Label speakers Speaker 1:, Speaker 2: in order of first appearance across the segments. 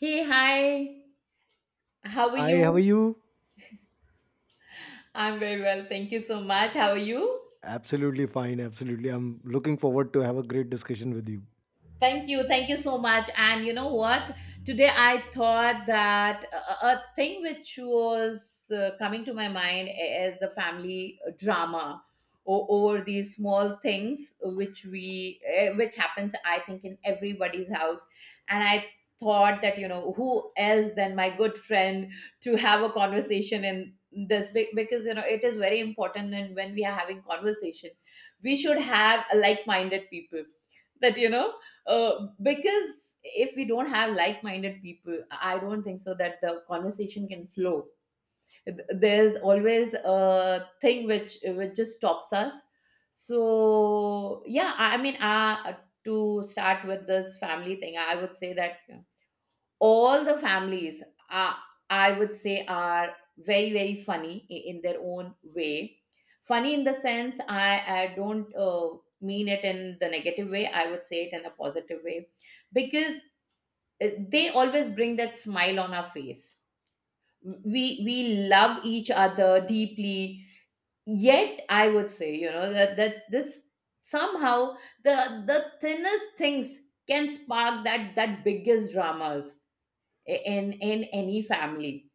Speaker 1: Hey, hi. How are
Speaker 2: Hi, how are
Speaker 1: you?
Speaker 2: you?
Speaker 1: I'm very well. Thank you so much. How are you?
Speaker 2: Absolutely fine. Absolutely. I'm looking forward to have a great discussion with you.
Speaker 1: Thank you. Thank you so much. And you know what? Today I thought that a thing which was coming to my mind is the family drama over these small things which which happens I think in everybody's house. And I thought that you know who else than my good friend to have a conversation in this because you know it is very important, and when we are having conversation we should have like minded people. That you know Because if we don't have like-minded people, I don't think so that the conversation can flow. There's always a thing which just stops us. So yeah, I mean, to start with this family thing, I would say that yeah, all the families are, I would say, are very funny in their own way. Funny in the sense, I don't, mean it in the negative way. I would say it in a positive way, because they always bring that smile on our face. We love each other deeply, yet I would say, you know, that this somehow, the the thinnest things can spark that biggest dramas in any family.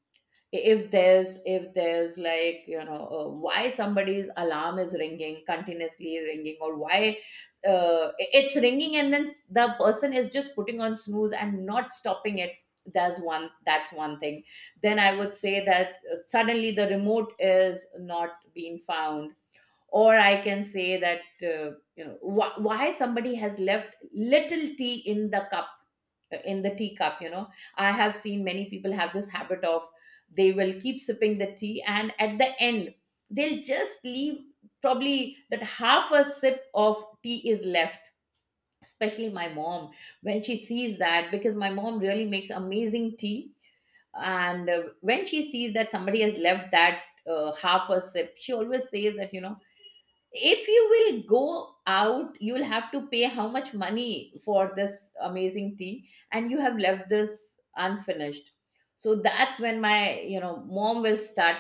Speaker 1: If there's like, you know, why somebody's alarm is ringing, continuously ringing, or why it's ringing and then the person is just putting on snooze and not stopping it. That's one, thing. Then I would say that, suddenly the remote is not being found, or I can say that, you know, why somebody has left little tea in the cup, in the teacup, you know. I have seen many people have this habit of, they will keep sipping the tea, and at the end they'll just leave, probably that half a sip of tea is left. Especially my mom, when she sees that, because my mom really makes amazing tea, and when she sees that somebody has left that half a sip, she always says that, you know, if you will go out, you will have to pay how much money for this amazing tea, and you have left this unfinished. So that's when my, you know, mom will start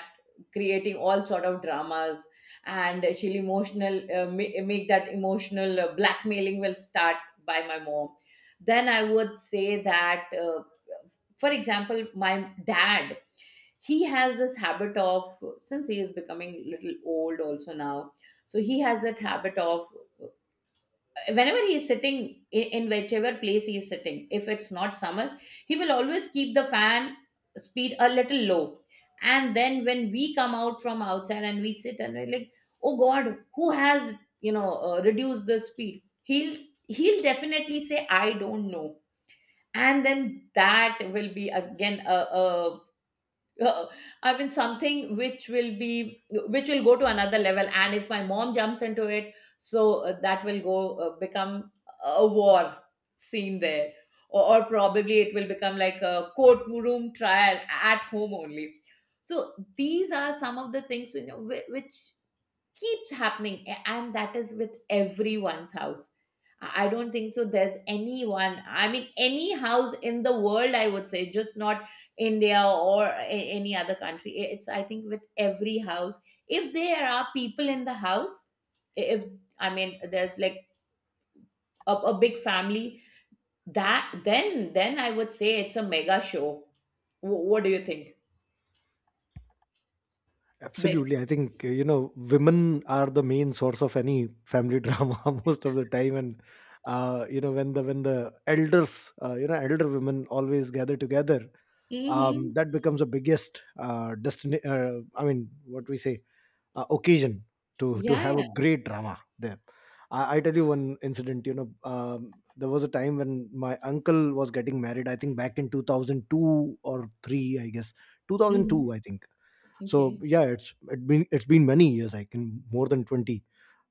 Speaker 1: creating all sort of dramas. And she'll emotional, make that emotional blackmailing will start by my mom. Then I would say that, for example, my dad, he has this habit of, since he is becoming little old also now, so he has that habit of, whenever he is sitting in whichever place he is sitting, if it's not summers, he will always keep the fan speed a little low. And then when we come out from outside and we sit, and we're like, oh god, who has, you know, reduced the speed, he'll, definitely say I don't know. And then that will be again a uh, I mean, something which will be, which will go to another level. And if my mom jumps into it, so that will go, become a war scene there, or, probably it will become like a courtroom trial at home only. So these are some of the things, you know, which keeps happening, and that is with everyone's house. I don't think so there's anyone, I mean, any house in the world, I would say, just not India or any other country. It's, I think with every house if there are people in the house, if, I mean, there's like a big family, that, then I would say it's a mega show. What do you think? Big.
Speaker 2: Absolutely. I think, you know, women are the main source of any family drama most of the time. You know, when when the elders, you know, elder women always gather together,
Speaker 1: Mm-hmm.
Speaker 2: that becomes the biggest destiny. I mean, what we say, occasion to
Speaker 1: Yeah,
Speaker 2: have a
Speaker 1: yeah.
Speaker 2: great drama there. I tell you one incident. You know, there was a time when my uncle was getting married. I think back in 2002 or three, I guess two thousand
Speaker 1: Mhm.
Speaker 2: two. I think so.
Speaker 1: Okay.
Speaker 2: Yeah, it's it been it's been many years. I can more than 20.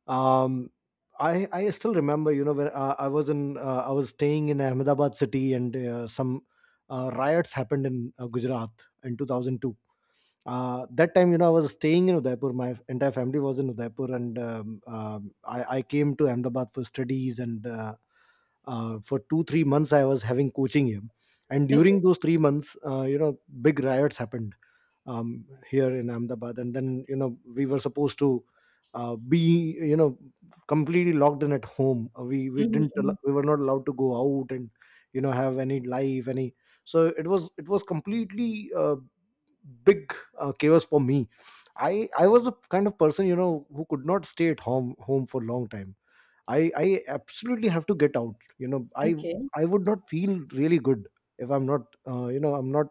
Speaker 2: Um, I still remember. You know, when I was in I was staying in Ahmedabad city, and some riots happened in Gujarat in 2002 that time, you know, I was staying in Udaipur. My entire family was in Udaipur, and I came to Ahmedabad for studies, and for 2 3 months I was having coaching here, and
Speaker 1: Okay.
Speaker 2: during those 3 months, you know, big riots happened, um, here in Ahmedabad. And then, you know, we were supposed to be, you know, completely locked in at home.
Speaker 1: Mhm, mhm.
Speaker 2: We were not allowed to go out and you know have any life any. So it was completely big chaos for me. I was the kind of person, you know, who could not stay at home for a long time. I absolutely have to get out. You know,
Speaker 1: Okay.
Speaker 2: I would not feel really good if I'm not you know, I'm not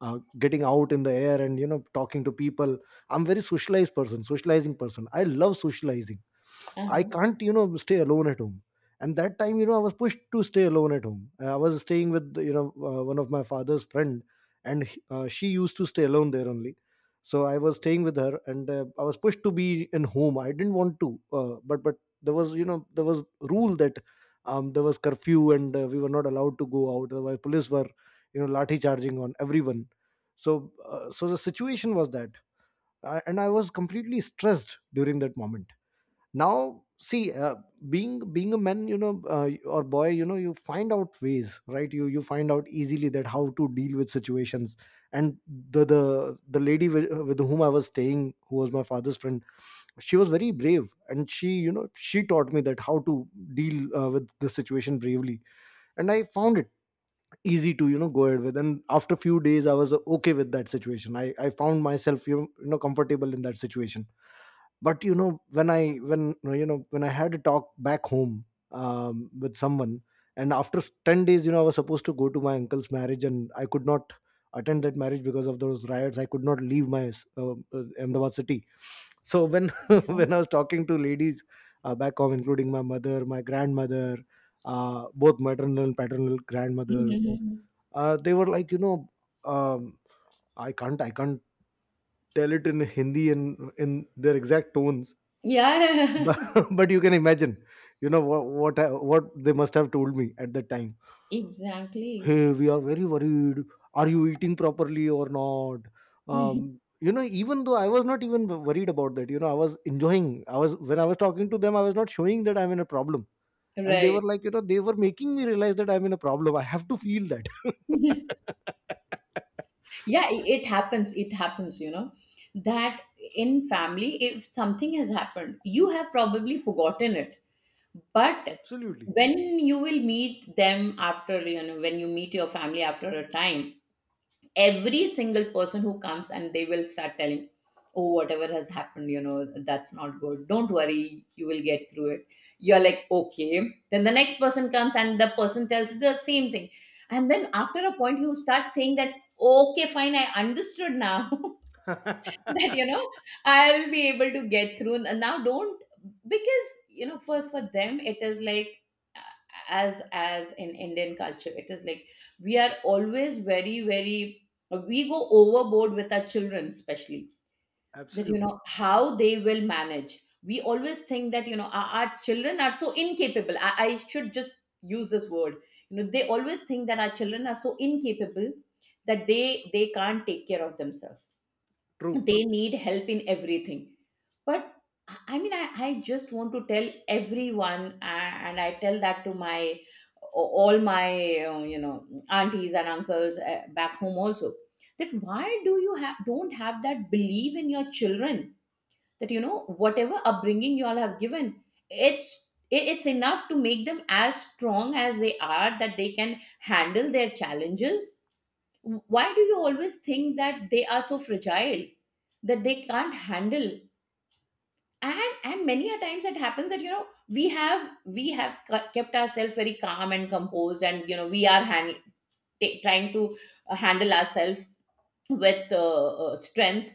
Speaker 2: getting out in the air and, you know, talking to people. I'm very socializing person. I love socializing. I
Speaker 1: Uh-huh.
Speaker 2: can't, you know, stay alone at home. And that time, you know, I was pushed to stay alone at home. I was staying with, you know, one of my father's friend, and she used to stay alone there only. So I was staying with her, and I was pushed to be in home. I didn't want to, but there was, you know, there was rule that, there was curfew, and we were not allowed to go out. Otherwise, police were, you know, lathi charging on everyone. So so the situation was that, I, and I was completely stressed during that moment. Now see, being a man, you know, or boy, you know, you find out ways, right? You find out easily that how to deal with situations. And the lady with whom I was staying, who was my father's friend, she was very brave, and she, you know, she taught me that how to deal with the situation bravely. And I found it easy to, you know, go ahead with. And after a few days, I was okay with that situation. I found myself, you know, you know, comfortable in that situation. But you know, when I, when, you know, when I had a talk back home, with someone, and after 10 days, you know, I was supposed to go to my uncle's marriage, and I could not attend that marriage because of those riots. I could not leave my Ahmedabad city. So when when I was talking to ladies, back home, including my mother, my grandmother, both maternal and paternal grandmothers,
Speaker 1: Mhm.
Speaker 2: they were like, you know, um, I can't tell it in Hindi and in their exact tones, but
Speaker 1: Yeah,
Speaker 2: but you can imagine, you know, what they must have told me at that time. Hey,
Speaker 1: exactly.
Speaker 2: we are very worried. Are you eating properly or not? Um,
Speaker 1: Mhm.
Speaker 2: you know, even though I was not even worried about that, you know, I was enjoying. I was, when I was talking to them, I was not showing that I'm in a problem. And they were
Speaker 1: Right.
Speaker 2: like, you know, they were making me realize that I'm in a problem. I have to feel that.
Speaker 1: Yeah, it happens. It happens, you know, that in family, if something has happened, you have probably forgotten it. But
Speaker 2: Absolutely.
Speaker 1: when you will meet them after, you know, when you meet your family after a time, every single person who comes, and they will start telling, oh, whatever has happened, you know, that's not good, don't worry, you will get through it. You're like okay. Then the next person comes and the person tells the same thing, and then after a point you start saying that okay, fine, I understood now. That, you know, I'll be able to get through. Now don't, because you know, for them it is like, uh, as in Indian culture it is like, we are always very, we go overboard with our children especially. That, you
Speaker 2: Absolutely
Speaker 1: know, how they will manage, we always think that, you know, our, children are so incapable. I, should just use this word, you know, they always think that our children are so incapable, that they can't take care of themselves.
Speaker 2: true.
Speaker 1: They need help in everything. But I mean, I just want to tell everyone, and I tell that to my, all my, you know, aunties and uncles back home also, that why do you have, don't have that belief in your children, that you know, whatever upbringing you all have given, it's, it's enough to make them as strong as they are, that they can handle their challenges. Why do you always think that they are so fragile, that they can't handle? And many a times it happens that, you know, we have, kept ourselves very calm and composed, and you know we are trying to handle ourselves with, strength.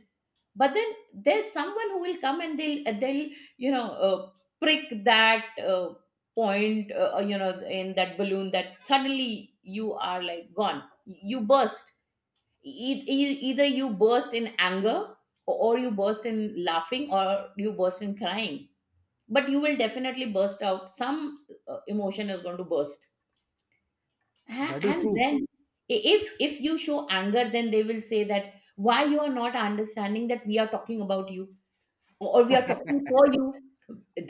Speaker 1: But then there's someone who will come and they'll, you know, prick that, point, you know, in that balloon, that suddenly you are like gone, you burst. Either you burst in anger, or you burst in laughing, or you burst in crying, but you will definitely burst out, some emotion is going to burst.
Speaker 2: That is
Speaker 1: And
Speaker 2: true.
Speaker 1: then, if you show anger, then they will say that why you are not understanding, that we are talking about you, or we are talking for you.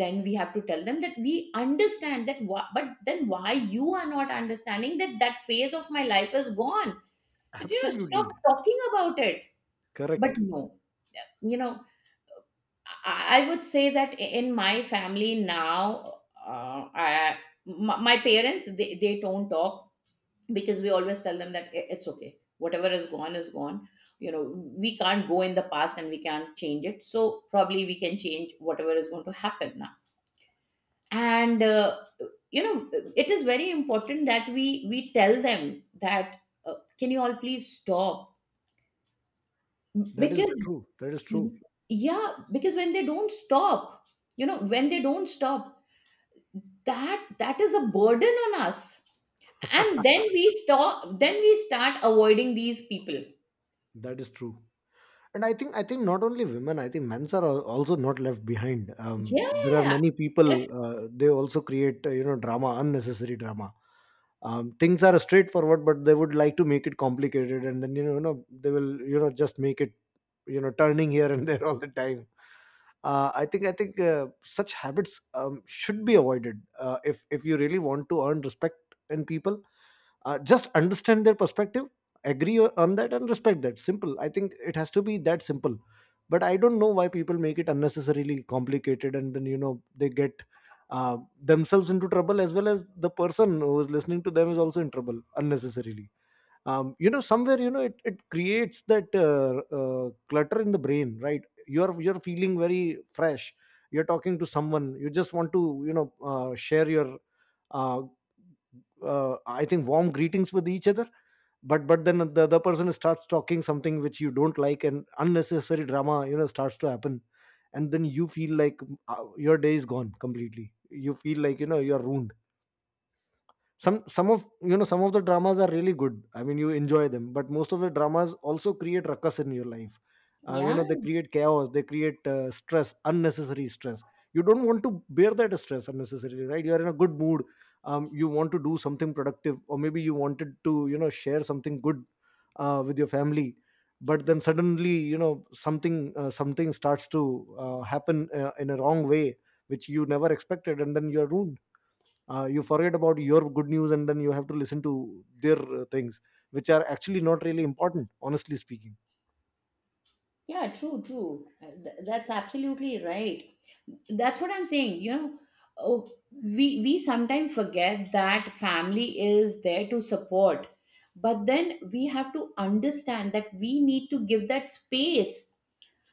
Speaker 1: Then we have to tell them that we understand that why, but then why you are not understanding that that phase of my life is gone, that, you know,
Speaker 2: Absolutely
Speaker 1: stop talking about it. But
Speaker 2: correct.
Speaker 1: no, you know, I would say that, in my family now, I, my parents, they, don't talk, because we always tell them that, it's okay. Whatever is gone is gone. You know, we can't go in the past, and we can't change it. So probably we can change whatever is going to happen now. And, you know, it is very important that we, tell them that, can you all please stop?
Speaker 2: That is
Speaker 1: Because
Speaker 2: true. That is
Speaker 1: Mhm.
Speaker 2: true.
Speaker 1: Yeah, because when they don't stop, you know, when they don't stop, that, is a burden on us, and then we stop, then we start avoiding these people.
Speaker 2: That is true. And I think not only women, I think men's are also not left behind. There are
Speaker 1: Yeah.
Speaker 2: many people.
Speaker 1: def-
Speaker 2: They also create you know, drama, unnecessary drama. Things are straightforward, but they would like to make it complicated, and then, you know, you know, they will, you know, just make it, you know, turning here and there all the time. I think such habits, should be avoided, if you really want to earn respect in people. Just understand their perspective, agree on that, and respect that. Simple. I think it has to be that simple. But I don't know why people make it unnecessarily complicated, and then, you know, they get themselves into trouble, as well as the person who is listening to them is also in trouble unnecessarily. You know, somewhere, you know, it creates that clutter in the brain, right? You're feeling very fresh. You're talking to someone, you just want to, you know, share your uh, I think warm greetings with each other. But then the other person starts talking something which you don't like, and unnecessary drama, you know, starts to happen. And then you feel like, your day is gone completely. You feel like, you know, you're ruined. Some of, you know, some of the dramas are really good. I mean, you enjoy them, but most of the dramas also create ruckus in your life. You
Speaker 1: yeah,
Speaker 2: know, they create chaos, they create stress, unnecessary stress. You don't want to bear that stress unnecessarily, right? You are in a good mood. You want to do something productive, or maybe you wanted to, you know, share something good, with your family. But then suddenly, you know, something something starts to happen in a wrong way, which you never expected, and then you're ruined. You forget about your good news, and then you have to listen to their things which are actually not really important, honestly speaking.
Speaker 1: yeah. True. That's absolutely right. That's what I'm saying, you know. Oh, we sometimes forget that family is there to support, but then we have to understand that we need to give that space.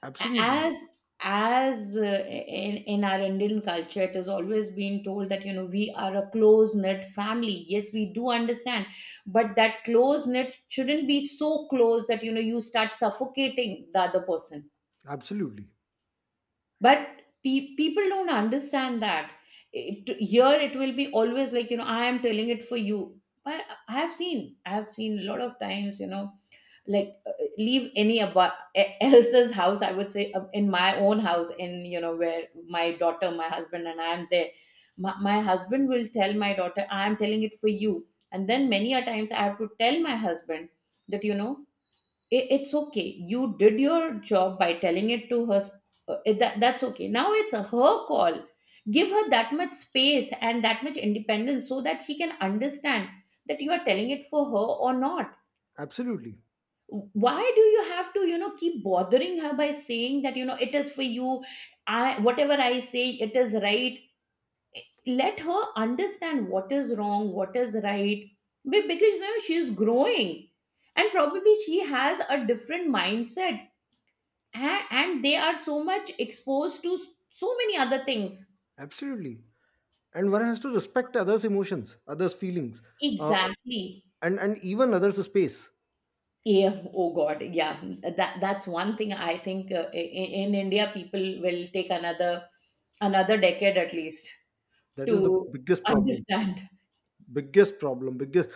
Speaker 2: Absolutely,
Speaker 1: As as uh, in our Indian culture, it has always been told that, you know, we are a close knit family, yes, we do understand, but that close knit shouldn't be so close that, you know, you start suffocating the other person.
Speaker 2: absolutely,
Speaker 1: But people don't understand that, it, here it will be always like, you know, I am telling it for you. But I have seen, a lot of times, you know, like, leave any about else's house, I would say, in my own house, in, you know, where my daughter, my husband, and I am there. My husband will tell my daughter, I am telling it for you. And then many a times I have to tell my husband that, you know, it, it's okay, you did your job by telling it to her. Uh, that's okay, now it's her call. Give her that much space and that much independence, so that she can understand that you are telling it for her or not.
Speaker 2: absolutely,
Speaker 1: Why do you have to, you know, keep bothering her by saying that, you know, it is for you, I whatever I say, it is right? Let her understand what is wrong, what is right. Because you know she is growing, and probably she has a different mindset, and, they are so much exposed to so many other things.
Speaker 2: absolutely. And one has to respect others' emotions, others' feelings, uh,
Speaker 1: Exactly.
Speaker 2: and even others' space.
Speaker 1: Yeah, oh god, yeah. That, that's one thing I think, in India, people will take another, decade at least
Speaker 2: That is the
Speaker 1: to
Speaker 2: biggest problem.
Speaker 1: understand.
Speaker 2: Biggest problem, biggest.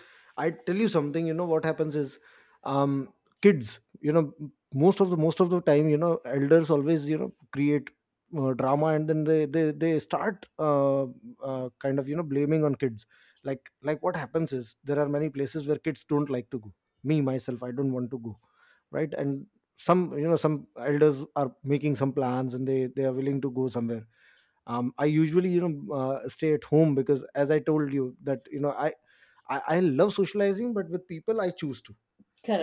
Speaker 2: I tell you something. You know what happens is, um, kids, you know, most of the time, you know, elders always, you know, create drama, and then they start kind of, you know, blaming on kids. Like what happens is, there are many places where kids don't like to go. Me myself, I don't want to go, right? And some, you know, some elders are making some plans, and they are willing to go somewhere. I usually, you know, stay at home, because as I told you that, you know, I love socializing, but with people I choose to.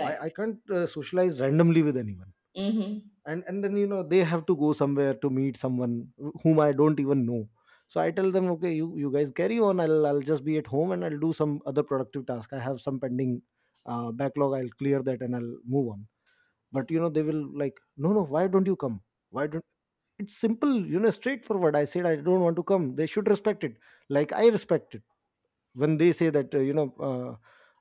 Speaker 2: I can't socialize randomly with anyone.
Speaker 1: hmm
Speaker 2: And then, you know, they have to go somewhere to meet someone whom I don't even know. So I tell them, okay, you guys carry on. I'll just be at home, and I'll do some other productive task. I have some pending backlog. I'll clear that, and I'll move on. But you know, they will like, no no, why don't you come? Why don't? It's simple, you know, straightforward. I said I don't want to come. They should respect it, like I respect it when they say that, you know,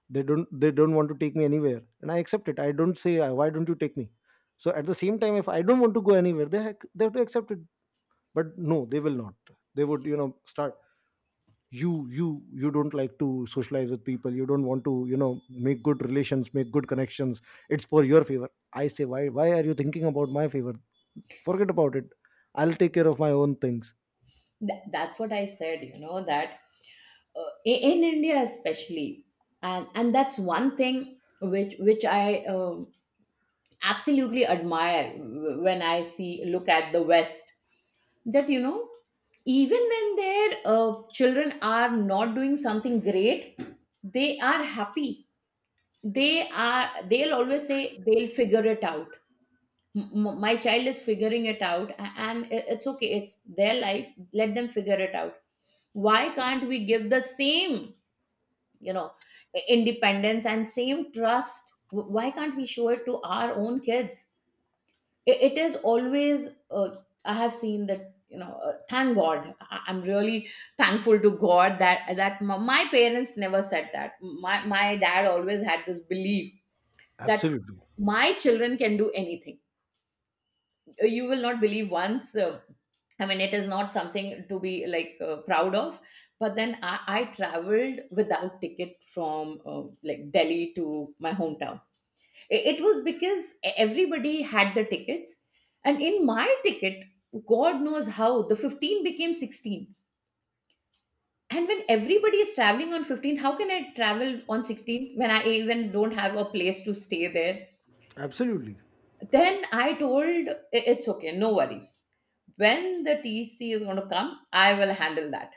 Speaker 2: they don't want to take me anywhere, and I accept it. I don't say, why don't you take me? So at the same time, if I don't want to go anywhere, they have to accept it. But no, they will not. They would, you know, start, you you you don't like to socialize with people. You don't want to, you know, make good relations, make good connections. It's for your favor. I say, why are you thinking about my favor? Forget about it. I'll take care of my own things.
Speaker 1: that's what I said, you know, that in India especially, and that's one thing which I absolutely admire w- when I see look at the West, that you know, even when their children are not doing something great, they are happy. They'll always say they'll figure it out. My child is figuring it out, and it's okay, it's their life, let them figure it out. Why can't we give the same, you know, independence and same trust? Why can't we show it to our own kids? It is always, I have seen that, you know, thank god. I'm really thankful to god that my parents never said that. My dad always had this belief that
Speaker 2: Absolutely.
Speaker 1: my children can do anything. You will not believe, once, I mean it is not something to be like proud of, but then I traveled without ticket from like Delhi to my hometown. It was because everybody had the tickets, and in my ticket, god knows how the 15 became 16. And when everybody is traveling on 15, how can I travel on 16 when I even don't have a place to stay there?
Speaker 2: Absolutely.
Speaker 1: Then I told, "I- "it's okay, no worries. When the TC is going to come, I will handle that."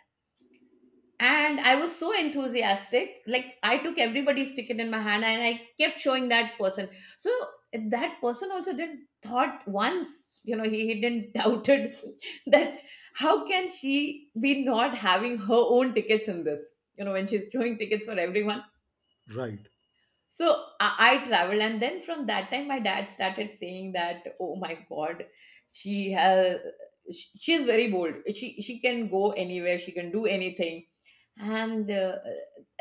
Speaker 1: And I was so enthusiastic. Like, I took everybody's ticket in my hand and I kept showing that person. So that person also didn't thought once, you know, he didn't doubted that, how can she be not having her own tickets in this? You know, when she's showing tickets for everyone.
Speaker 2: Right.
Speaker 1: So I traveled, and then from that time, my dad started saying that, "Oh my God, she has, she is very bold. She can go anywhere. She can do anything." And uh,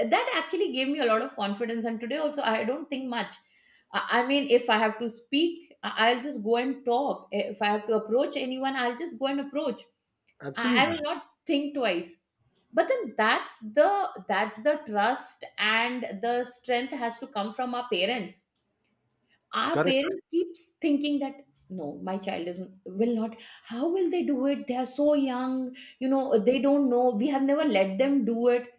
Speaker 1: uh, that actually gave me a lot of confidence. And today also, I don't think much. I mean, if I have to speak, I'll just go and talk. If I have to approach anyone, I'll just go and approach. I will
Speaker 2: Absolutely.
Speaker 1: not think twice. But then that's the trust, and the strength has to come from our parents. Our
Speaker 2: Correct.
Speaker 1: parents keeps thinking that, no, my child is will not. How will they do it? They are so young. You know, they don't know. We have never let them do it.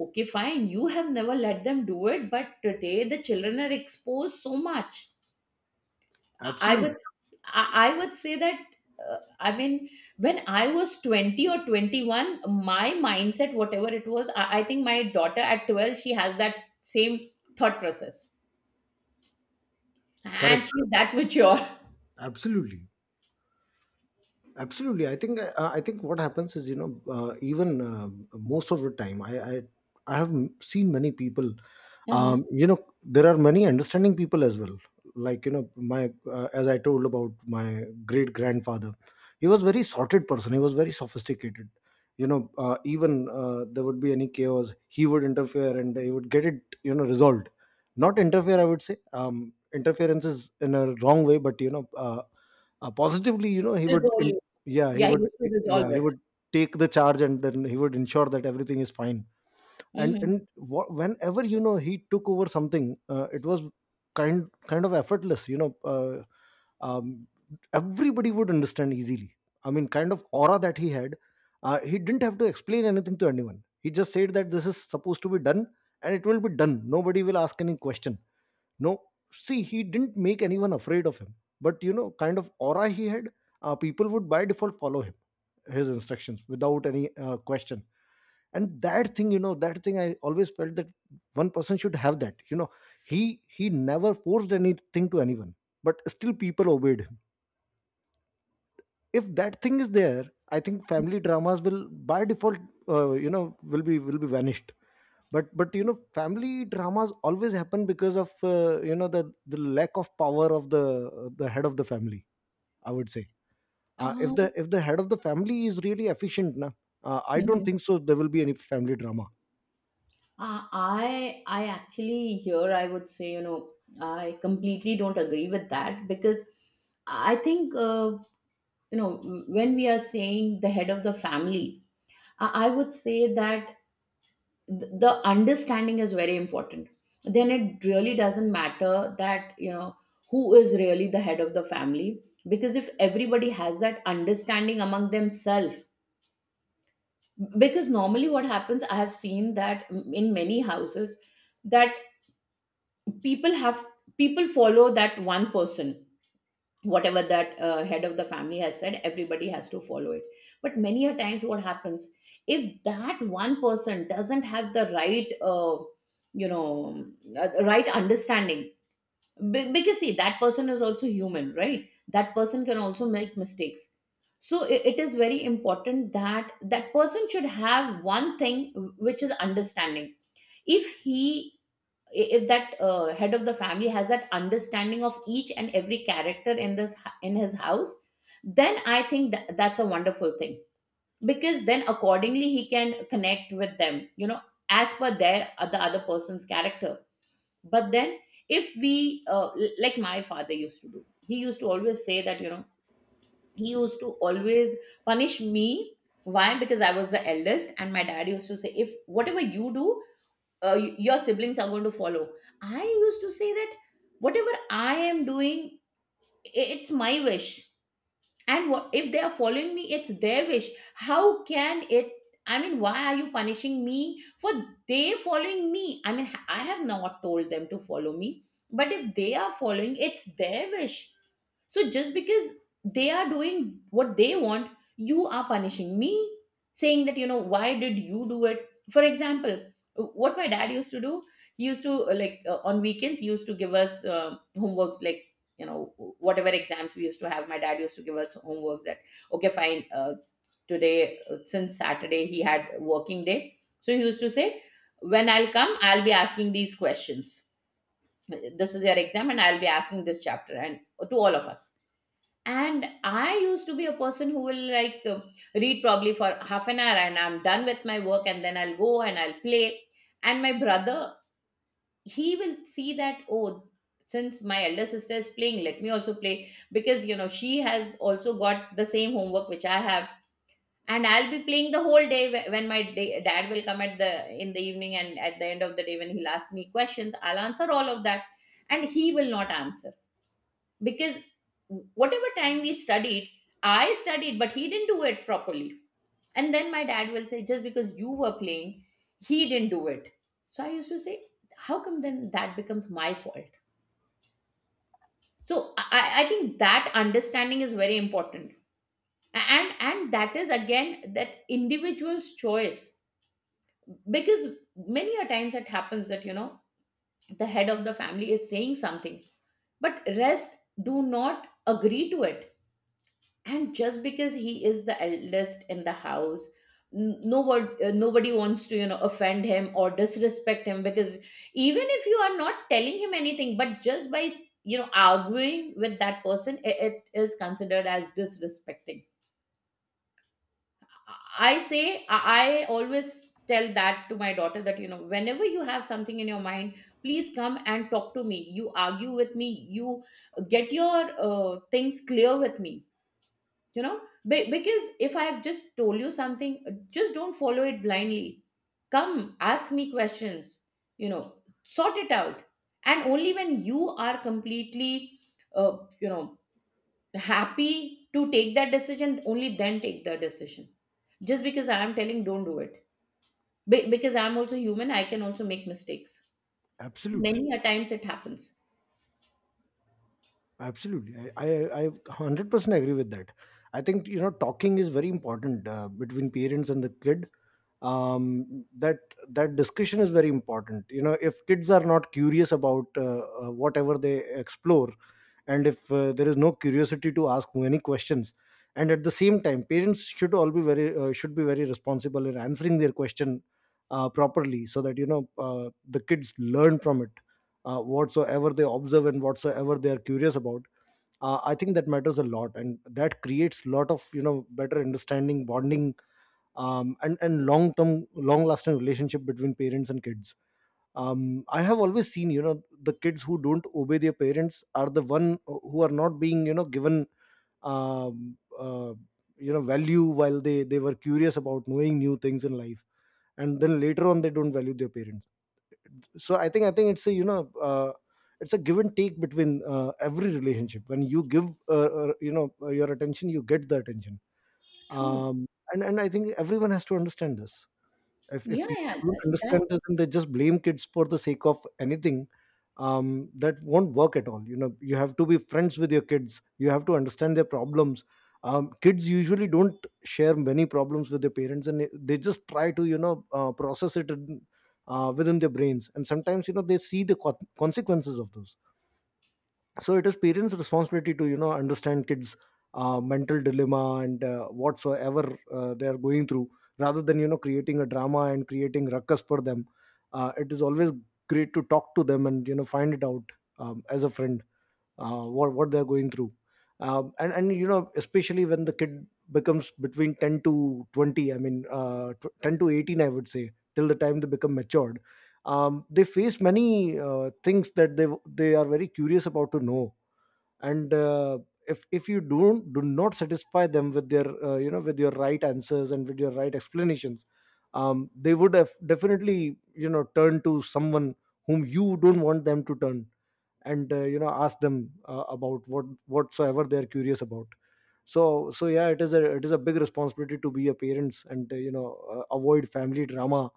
Speaker 1: Okay, fine. You have never let them do it, but today the children are exposed so much. I
Speaker 2: Absolutely.
Speaker 1: would I would say that, I mean, when I was 20 or 21, my mindset whatever it was, I think my daughter at 12, she has that same thought process, and
Speaker 2: Correct.
Speaker 1: she's that mature.
Speaker 2: Absolutely, absolutely. I think what happens is, you know even most of the time, I have seen many people.
Speaker 1: Uh-huh.
Speaker 2: You know, there are many understanding people as well. Like, you know, my as I told about my great grandfather, he was very sorted person, he was very sophisticated. You know even there would be any chaos, he would interfere and he would get it, you know, resolved. Not interfere, I would say interference is in a wrong way, but positively, you know, he would
Speaker 1: Resolve
Speaker 2: in,
Speaker 1: it.
Speaker 2: yeah he
Speaker 1: Yeah, he
Speaker 2: would
Speaker 1: used to
Speaker 2: yeah
Speaker 1: resolve
Speaker 2: he
Speaker 1: it.
Speaker 2: would take the charge and then he would ensure that everything is fine.
Speaker 1: Hmm.
Speaker 2: Whenever, you know, he took over something, it was kind of effortless. Um, Everybody would understand easily. I mean, kind of aura that he had. He didn't have to explain anything to anyone, he just said that this is supposed to be done and it will be done, nobody will ask any question. No, see, he didn't make anyone afraid of him, but you know, kind of aura he had. People would by default follow him, his instructions, without any question. And that thing, you know, that thing I always felt that one person should have that, you know. he he never forced anything to anyone, but still people obeyed him. If that thing is there, I think family dramas will by default, you know, will be vanished. But you know, family dramas always happen because of, you know, the lack of power of the head of the family, I would say. If the,
Speaker 1: um,
Speaker 2: if the head of the family is really efficient na, I don't
Speaker 1: mhm.
Speaker 2: think so there will be any family drama.
Speaker 1: I actually here I would say, you know, I completely don't agree with that, because I think, you know, when we are saying the head of the family, I would say that the understanding is very important. Then it really doesn't matter that, you know, who is really the head of the family. Because if everybody has that understanding among themselves, because normally what happens, I have seen that in many houses, that people have people follow that one person. Whatever that head of the family has said, everybody has to follow it. But many a times what happens, if that one person doesn't have the right, you know right understanding, because see, that person is also human, right? That person can also make mistakes. So it is very important that that person should have one thing, which is understanding. if he if that head of the family has that understanding of each and every character in this, in his house, then I think that, that's a wonderful thing. Because then accordingly he can connect with them, you know, as per their, the other person's character. But then, if we like my father used to do, he used to always say that, you know, he used to always punish me. Why? Because I was the eldest, and my dad used to say, if whatever you do, your siblings are going to follow. I used to say that whatever I am doing, it's my wish. And what if they are following me, it's their wish. How can it, I mean, why are you punishing me for they following me? I mean, I have not told them to follow me. But if they are following, it's their wish. So just because they are doing what they want, you are punishing me, saying that, you know, why did you do it? For example, what my dad used to do, he used to, like, on weekends, he used to give us homeworks, like, you know, whatever exams we used to have, my dad used to give us homeworks that, okay, fine, today, since Saturday, he had working day. So he used to say, when I'll come, I'll be asking these questions. This is your exam, and I'll be asking this chapter, and to all of us. And I used to be a person who will like, read probably for half an hour, and I'm done with my work, and then I'll go and I'll play. And my brother, he will see that, oh, since my elder sister is playing, let me also play, because, you know, she has also got the same homework which I have. And I'll be playing the whole day when my dad will come at the in the evening, and at the end of the day when he'll ask me questions, I'll answer all of that, and he will not answer. Because whatever time we studied, I studied, but he didn't do it properly. And then my dad will say, just because you were playing, he didn't do it. So I used to say, how come then that becomes my fault? So I think that understanding is very important. And that is again that individual's choice. Because many a times it happens that, you know, the head of the family is saying something, but rest do not agree to it, and just because he is the eldest in the house, nobody wants to, you know, offend him or disrespect him. Because even if you are not telling him anything, but just by, you know, arguing with that person, it is considered as disrespecting. I say I always tell that to my daughter, that, you know, whenever you have something in your mind, please come and talk to me, you argue with me, you get your, things clear with me, you know. Because if I have just told you something, just don't follow it blindly. Come, ask me questions, you know, sort it out. And only when you are completely, uh, you know happy to take that decision, only then take the decision. Just because I am telling, don't do it. Because I am also human, I can also make mistakes.
Speaker 2: Absolutely.
Speaker 1: Many a times it happens.
Speaker 2: Absolutely, I 100% agree with that. I think, you know, talking is very important between parents and the kid. That, that discussion is very important. You know, if kids are not curious about whatever they explore, and if there is no curiosity to ask many questions, and at the same time, parents should all be very should be very responsible in answering their question properly, so that, you know, the kids learn from it, whatsoever they observe and whatsoever they are curious about. I think that matters a lot and that creates lot of, you know, better understanding, bonding, and long term, long lasting relationship between parents and kids. I have always seen, you know, the kids who don't obey their parents are the one, who are not being, you know, given um, uh, you know, value while they were curious about knowing new things in life, and then later on they don't value their parents. So i think it's a, you know, it's a give and take between, every relationship. When you give, you know, your attention, you get the attention.
Speaker 1: True.
Speaker 2: Um, and and I think everyone has to understand this. If
Speaker 1: yeah
Speaker 2: people
Speaker 1: yeah
Speaker 2: don't
Speaker 1: that.
Speaker 2: understand this and they just blame kids for the sake of anything, that won't work at all. You know, you have to be friends with your kids, you have to understand their problems. Kids usually don't share many problems with their parents and they just try to, you know, process it in, within their brains, and sometimes, you know, they see the consequences of those. So it is parents responsibility to, you know, understand kids mental dilemma and, whatsoever they are going through, rather than, you know, creating a drama and creating ruckus for them. It is always great to talk to them and, you know, find it out. As a friend, what they're going through. And you know, especially when the kid becomes between 10 to 20, I mean, 10 to 18, I would say, till the time they become matured. They face many things that they are very curious about to know. And If you don't do not satisfy them with their, you know, with your right answers and with your right explanations, they would have definitely, you know, turn to someone whom you don't want them to turn, and, you know, ask them, about what whatsoever they are curious about. So yeah, it is a, it is a big responsibility to be a parents, and, you know, avoid family drama,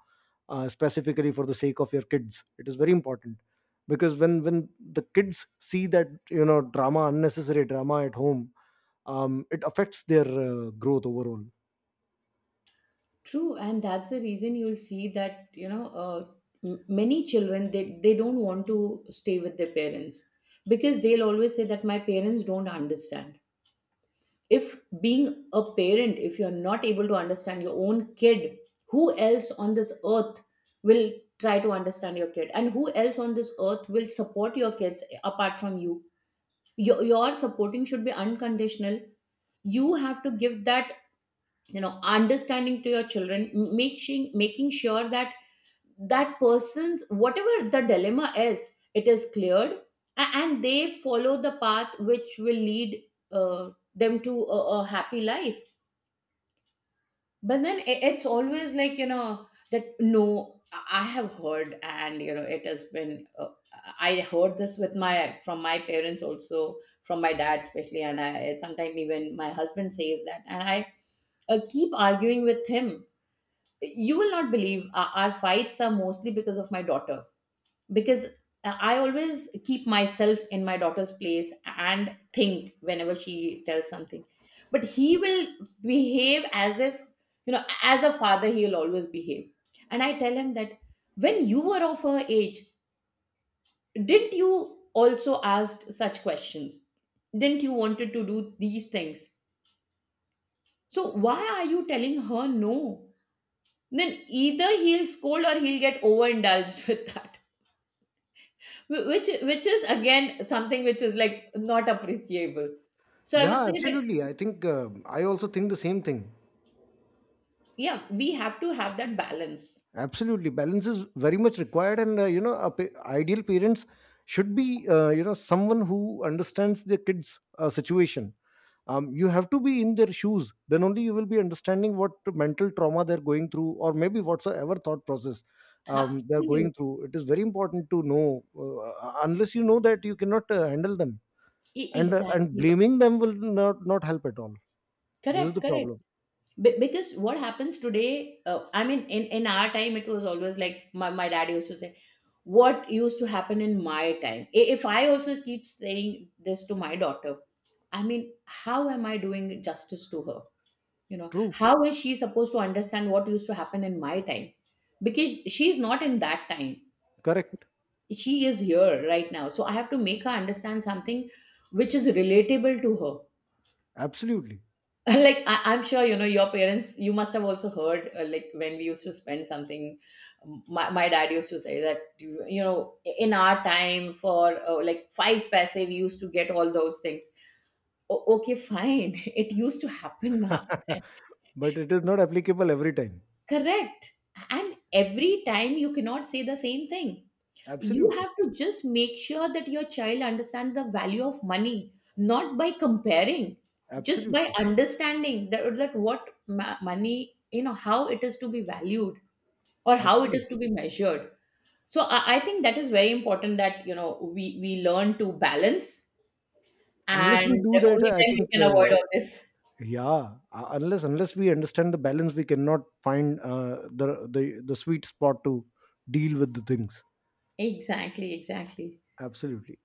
Speaker 2: specifically for the sake of your kids, it is very important. Because when the kids see, that you know, drama, unnecessary drama at home, it affects their growth overall.
Speaker 1: True, and that's the reason you'll see that, you know, many children, they don't want to stay with their parents, because they'll always say that my parents don't understand. If being a parent, if you're not able to understand your own kid, who else on this earth will try to understand your kid, and who else on this earth will support your kids apart from you? Your supporting should be unconditional. You have to give that, you know, understanding to your children, making sure that that person's whatever the dilemma is, it is cleared, and they follow the path which will lead them to a happy life. But then it's always like, you know, that, no, I have heard, and you know it has been, uh, I heard this with my, from my parents also, from my dad especially. And I, sometimes even my husband says that, and I keep arguing with him. You will not believe, our fights are mostly because of my daughter. Because I always keep myself in my daughter's place and think, whenever she tells something, but he will behave as if, you know, as a father he'll always behave. And I tell him that, when you were of her age, didn't you also ask such questions? Didn't you wanted to do these things? So why are you telling her no? Then either he'll scold or he'll get overindulged with that, which is again something which is like not appreciable. So I would
Speaker 2: Yeah,
Speaker 1: say that,
Speaker 2: absolutely. I also think the same thing.
Speaker 1: yeah, we have to have that balance.
Speaker 2: Absolutely, balance is very much required, and, you know, a ideal parents should be, you know, someone who understands their kids' situation. You have to be in their shoes. Then only you will be understanding what mental trauma they're going through, or maybe whatsoever thought process they're
Speaker 1: Absolutely.
Speaker 2: going through. It is very important to know. Unless you know that, you cannot handle them, and
Speaker 1: Exactly.
Speaker 2: blaming them will not help at all. This is
Speaker 1: Correct,
Speaker 2: the
Speaker 1: correct.
Speaker 2: problem.
Speaker 1: Because what happens today, I mean, in our time, it was always like my dad used to say, what used to happen in my time? I- If I also keep saying this to my daughter, I mean, how am I doing justice to her? You know,
Speaker 2: True,
Speaker 1: how is she supposed to understand what used to happen in my time? Because she is not in that time,
Speaker 2: correct,
Speaker 1: she is here right now. So I have to make her understand something which is relatable to her.
Speaker 2: absolutely.
Speaker 1: Like I'm sure, you know, your parents, you must have also heard, like when we used to spend something, my dad used to say that, you know, in our time for, like 5 paise we used to get all those things. Okay, fine. It used to happen now, right?
Speaker 2: But it is not applicable every time.
Speaker 1: Correct. And every time you cannot say the same thing. You
Speaker 2: Absolutely,
Speaker 1: have to just make sure that your child understands the value of money, not by comparing, just by
Speaker 2: absolutely,
Speaker 1: understanding that, that what money, you know, how it is to be valued or how it is to
Speaker 2: absolutely.
Speaker 1: be measured. So I think that is very important, that, you know, we learn to balance,
Speaker 2: Unless
Speaker 1: and
Speaker 2: we do that,
Speaker 1: only
Speaker 2: I
Speaker 1: then we
Speaker 2: think,
Speaker 1: can avoid all this.
Speaker 2: yeah, unless we understand the balance, we cannot find, the, the sweet spot to deal with the things.
Speaker 1: Exactly, exactly.
Speaker 2: Absolutely.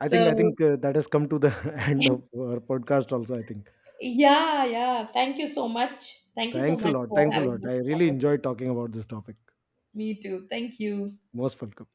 Speaker 2: I think I
Speaker 1: So
Speaker 2: think uh, that has come to the end of our podcast. Also, I think.
Speaker 1: Yeah, yeah. Thank you so much. Thank you so
Speaker 2: Thanks a
Speaker 1: much
Speaker 2: lot.
Speaker 1: for
Speaker 2: Thanks a
Speaker 1: having
Speaker 2: lot.
Speaker 1: this
Speaker 2: I really
Speaker 1: conversation.
Speaker 2: enjoyed talking about this topic.
Speaker 1: Me too. Thank you.
Speaker 2: Most welcome.